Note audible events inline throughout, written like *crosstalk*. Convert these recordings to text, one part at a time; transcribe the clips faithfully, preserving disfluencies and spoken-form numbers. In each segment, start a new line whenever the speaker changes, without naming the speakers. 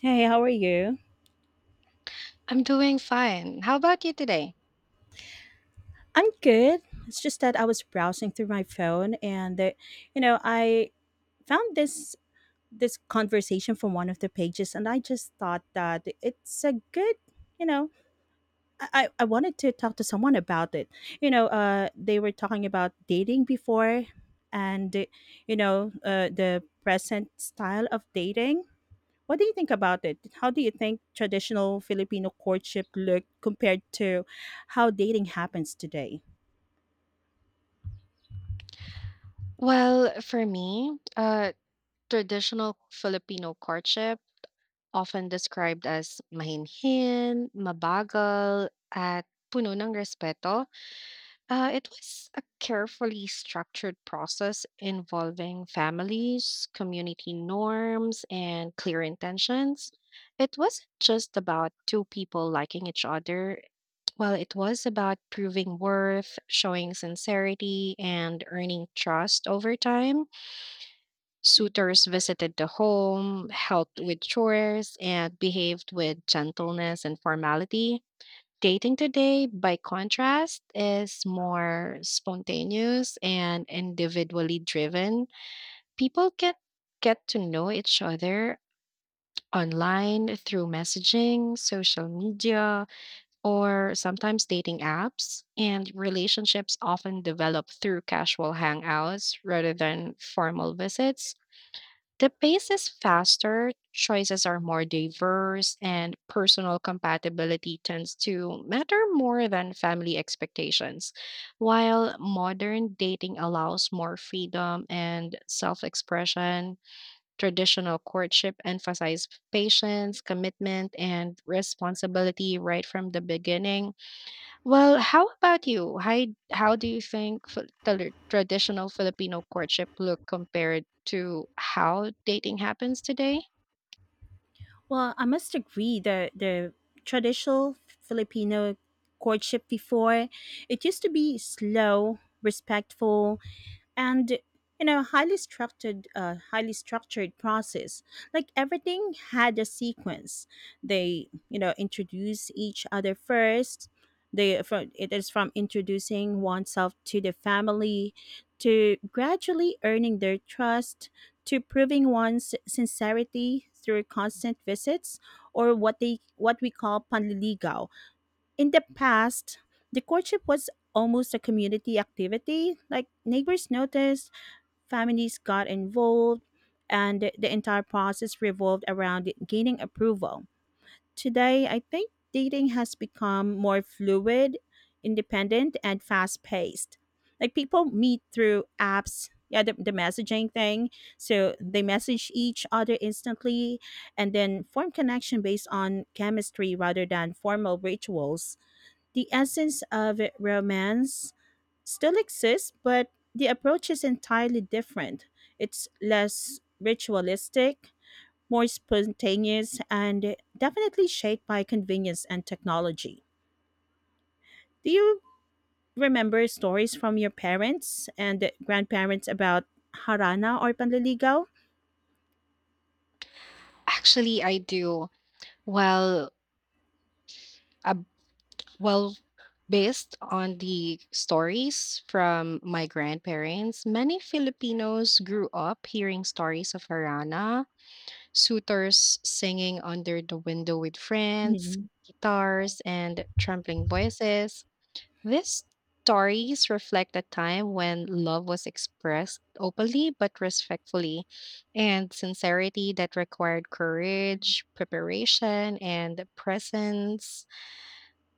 Hey, how are you?
I'm doing fine. How about you today?
I'm good. It's just that I was browsing through my phone and the, you know, I found this this conversation from one of the pages, and I just thought that it's a good, you know, I, I I wanted to talk to someone about it. You know, uh they were talking about dating before, and uh, you know, uh the present style of dating. What do you think about it? How do you think traditional Filipino courtship looked compared to how dating happens today?
Well, for me, uh, traditional Filipino courtship, often described as mahinhin, mabagal, at puno ng respeto, uh, it was a carefully structured process involving families, community norms, and clear intentions. It wasn't just about two people liking each other. Well, it was about proving worth, showing sincerity, and earning trust over time. Suitors visited the home, helped with chores, and behaved with gentleness and formality. Dating today, by contrast, is more spontaneous and individually driven. People get get to know each other online through messaging, social media, or sometimes dating apps. And relationships often develop through casual hangouts rather than formal visits. The pace is faster, choices are more diverse, and personal compatibility tends to matter more than family expectations. While modern dating allows more freedom and self expression, traditional courtship emphasizes patience, commitment, and responsibility right from the beginning. Well, how about you? How how do you think fi- tele- traditional Filipino courtship look compared to how dating happens today?
Well, I must agree that the traditional Filipino courtship before, it used to be slow, respectful, and you know highly structured, uh, highly structured process. Like everything had a sequence. They, you know introduce each other first. They, from, it is from introducing oneself to the family, to gradually earning their trust, to proving one's sincerity through constant visits, or what they, what we call panliligaw. In the past, the courtship was almost a community activity. Like, neighbors noticed, families got involved, and the the entire process revolved around gaining approval. Today, I think dating has become more fluid, independent, and fast paced. Like, people meet through apps, yeah, the, the messaging thing. So they message each other instantly and then form connection based on chemistry rather than formal rituals. The essence of romance still exists, but the approach is entirely different. It's less ritualistic, more spontaneous, and definitely shaped by convenience and technology. Do you remember stories from your parents and grandparents about harana or panliligaw?
Actually, I do. Well, ab- well, based on the stories from my grandparents, many Filipinos grew up hearing stories of harana, suitors singing under the window with friends,
Mhm.
guitars, and trembling voices. These stories reflect a time when love was expressed openly but respectfully, and sincerity that required courage, preparation, and presence.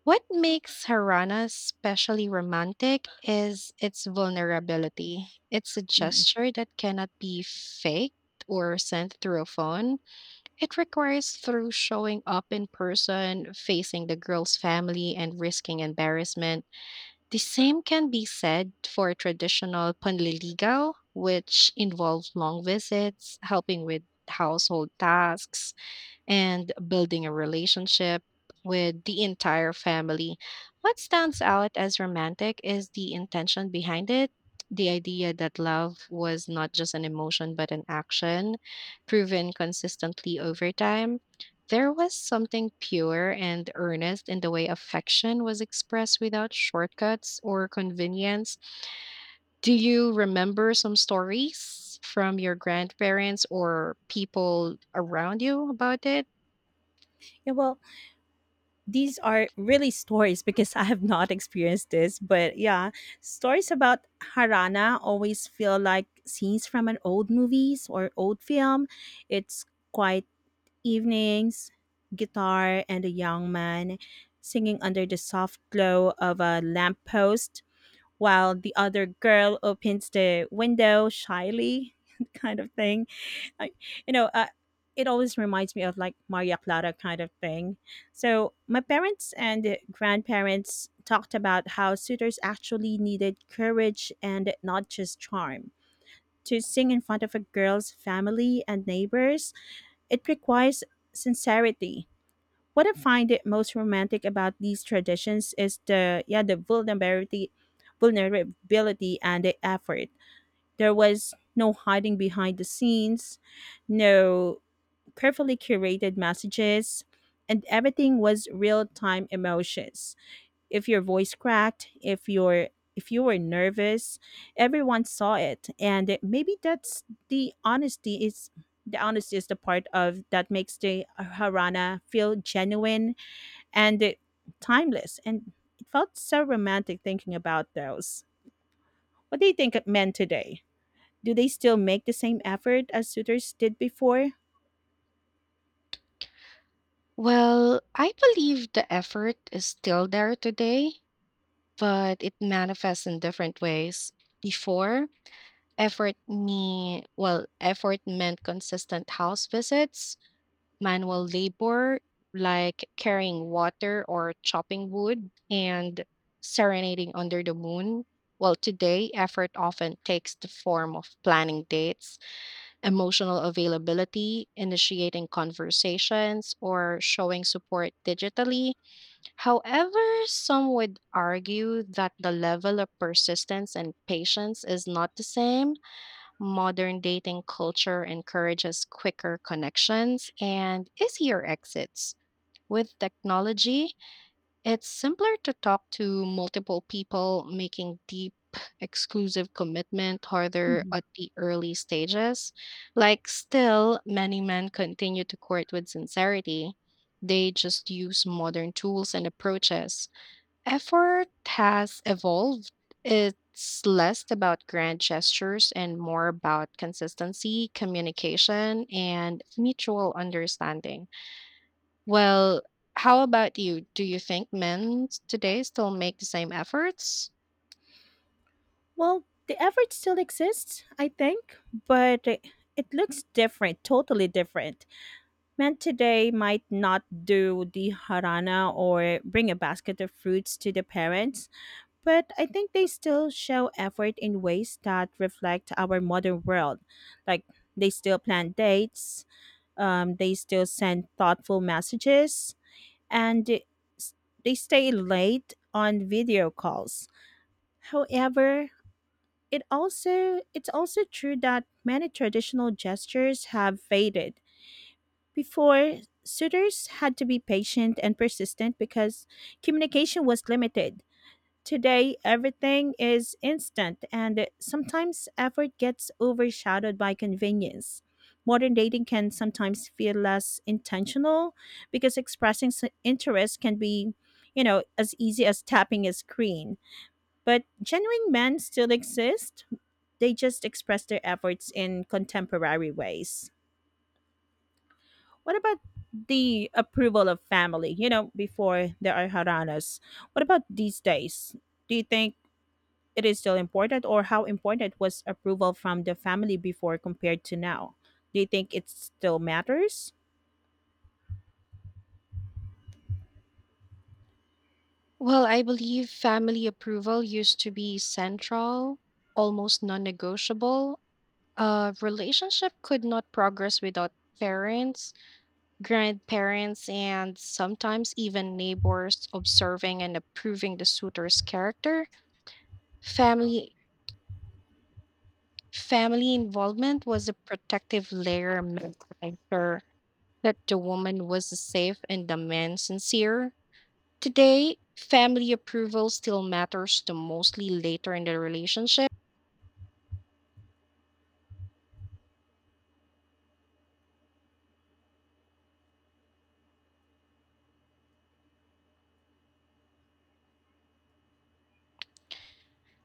What makes Harana especially romantic is its vulnerability. It's a
Right.
gesture that cannot be faked or sent through a phone. It requires through showing up in person, facing the girl's family, and risking embarrassment. The same can be said for traditional panliligaw, which involve long visits, helping with household tasks, and building a relationship with the entire family. What stands out as romantic is the intention behind it. The idea that love was not just an emotion but an action, proven consistently over time. There was something pure and earnest in the way affection was expressed without shortcuts or convenience. Do you remember some stories from your grandparents or people around you about it?
Yeah, well, these are really stories because I have not experienced this, but yeah, stories about Harana always feel like scenes from an old movies or old film. It's quiet evenings, guitar and a young man singing under the soft glow of a lamppost while the other girl opens the window shyly *laughs* kind of thing. I, you know, uh, it always reminds me of like Maria Clara kind of thing. So my parents and grandparents talked about how suitors actually needed courage and not just charm. To sing in front of a girl's family and neighbors, it requires sincerity. What I find it most romantic about these traditions is the yeah the vulnerability, vulnerability and the effort. There was no hiding behind the scenes, no carefully curated messages, and everything was real-time emotions. If your voice cracked, if your if you were nervous, everyone saw it, and maybe that's the honesty is the honesty is the part of that makes the Harana feel genuine and timeless. And it felt so romantic thinking about those. What do you think of men today? Do they still make the same effort as suitors did before?
Well, I believe the effort is still there today, but it manifests in different ways. Before, effort me well, effort meant consistent house visits, manual labor like carrying water or chopping wood, and serenading under the moon. Well, today effort often takes the form of planning dates, emotional availability, initiating conversations, or showing support digitally. However, some would argue that the level of persistence and patience is not the same. Modern dating culture encourages quicker connections and easier exits. With technology, it's simpler to talk to multiple people, making deep, exclusive commitment harder
Mhm.
at the early stages. Like, still, many men continue to court with sincerity. They just use modern tools and approaches. Effort has evolved. It's less about grand gestures and more about consistency, communication, and mutual understanding. Well, how about you? Do you think men today still make the same efforts?
Well, the effort still exists, I think, but it it looks different, totally different. Men today might not do the harana or bring a basket of fruits to the parents, but I think they still show effort in ways that reflect our modern world. Like, they still plan dates, um, they still send thoughtful messages, and they s- they stay late on video calls. However, it also it's also true that many traditional gestures have faded. Before, suitors had to be patient and persistent because communication was limited. Today, everything is instant, and sometimes effort gets overshadowed by convenience. Modern dating can sometimes feel less intentional because expressing s- interest can be, you know, as easy as tapping a screen. But genuine men still exist, they just express their efforts in contemporary ways. What about the approval of family? You know, before there are haranas. What about these days? Do you think it is still important, or how important was approval from the family before compared to now? Do you think it still matters?
Well, I believe family approval used to be central, almost non negotiable. A relationship could not progress without parents, grandparents, and sometimes even neighbors observing and approving the suitor's character. Family family involvement was a protective layer meant to ensure that the woman was safe and the man sincere. Today, family approval still matters to mostly later in the relationship.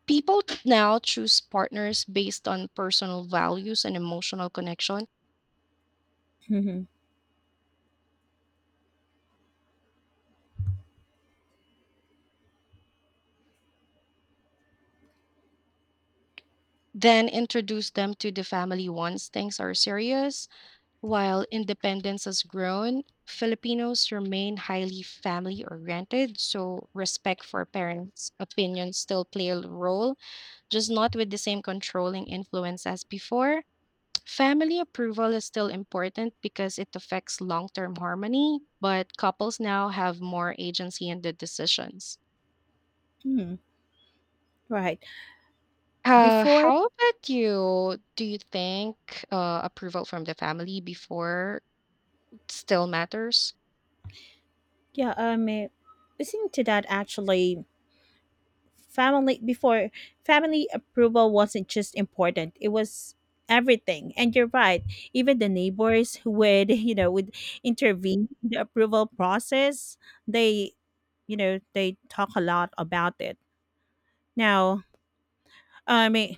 People now choose partners based on personal values and emotional connection,
*laughs* Mhm.
then introduce them to the family once things are serious. While independence has grown, Filipinos remain highly family oriented, so respect for parents' opinions still play a role, just not with the same controlling influence as before. Family approval is still important because it affects long term harmony, but couples now have more agency in the decisions.
Hmm. Right.
Uh,
Before.
how about you? Do you think uh, approval from the family before still matters?
Yeah, um eh, listening to that, actually, family before, family approval wasn't just important, it was everything. And you're right, even the neighbors who would *laughs* you know would intervene in the approval process. They, you know they talk a lot about it. Now, I mean,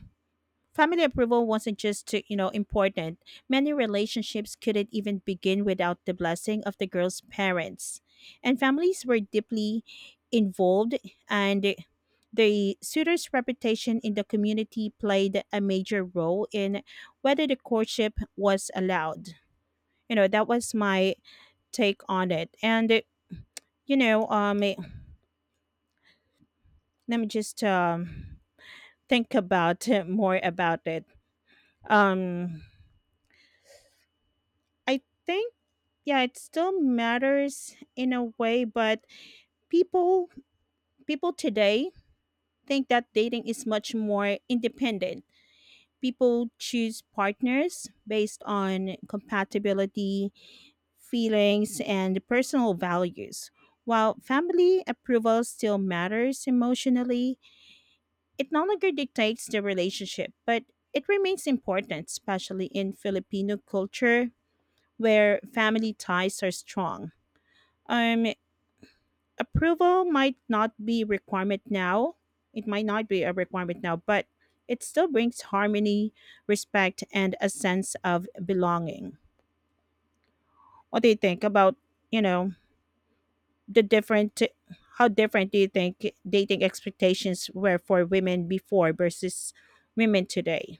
family approval wasn't just to, you know, important. Many relationships couldn't even begin without the blessing of the girl's parents. And families were deeply involved, and the suitor's reputation in the community played a major role in whether the courtship was allowed. You know, that was my take on it. And you know, um let me just um think about *laughs* more about it. Um I think, yeah, it still matters in a way, but people people today think that dating is much more independent. People choose partners based on compatibility, feelings and personal values. While family approval still matters emotionally, it no longer dictates the relationship, but it remains important, especially in Filipino culture where family ties are strong. um Approval might not be requirement now, it might not be a requirement now, but it still brings harmony, respect and a sense of belonging. What do you think about, you know the different, how different do you think dating expectations were for women before versus women today?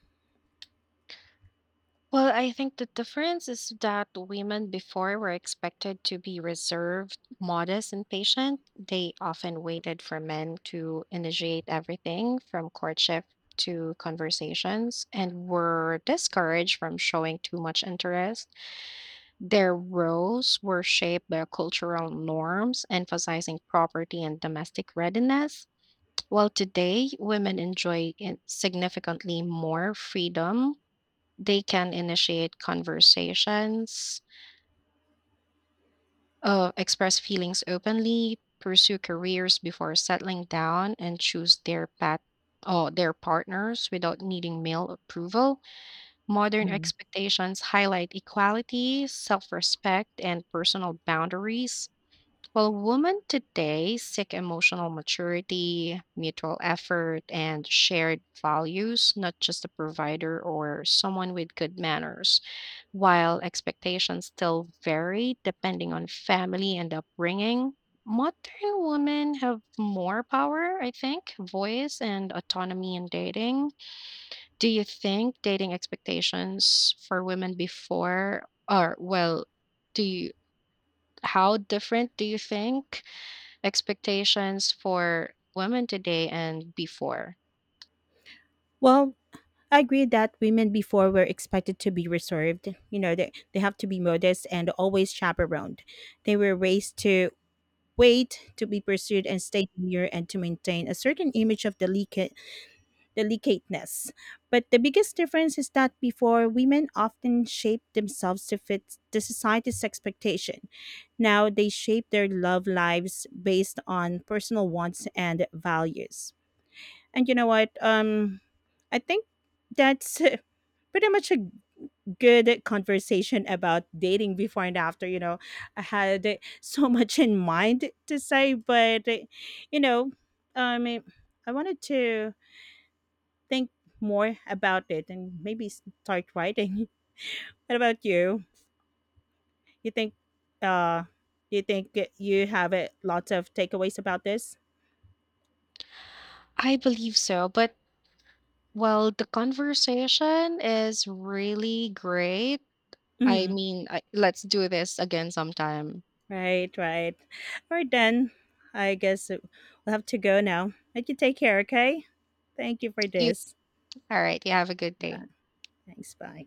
Well, I think the difference is that women before were expected to be reserved, modest, and patient. They often waited for men to initiate everything from courtship to conversations and were discouraged from showing too much interest. Their roles were shaped by cultural norms, emphasizing property and domestic readiness. While today, women enjoy in- significantly more freedom. They can initiate conversations, uh, express feelings openly, pursue careers before settling down, and choose their path or their partners without needing male approval. Modern
Mhm.
expectations highlight equality, self respect, and personal boundaries. Well, women today seek emotional maturity, mutual effort, and shared values, not just a provider or someone with good manners. While expectations still vary depending on family and upbringing, modern women have more power, I think, voice and autonomy in dating. Do you think dating expectations for women before are, well, do you, how different do you think expectations for women today and before?
Well, I agree that women before were expected to be reserved. You know, they, they have to be modest and always chaperoned. They were raised to weight to be pursued and stay demure and to maintain a certain image of delicate delicateness. But the biggest difference is that before, women often shaped themselves to fit the society's expectation. Now they shape their love lives based on personal wants and values. And you know what? Um I think that's *laughs* pretty much a good conversation about dating before and after. You know, I had so *laughs* much in mind to say, but you know, um, I wanted to think more about it and maybe start writing. *laughs* What about you? You think, uh, you think you have a lots of takeaways about this?
I believe so, but well, the conversation is really great. I
Mhm.
mean, I, let's do this again sometime.
Right, right. All right, then. I guess we'll have to go now. But you take care, okay? Thank you for
You,
this.
all right, you have a good day.
Uh, Thanks. Bye.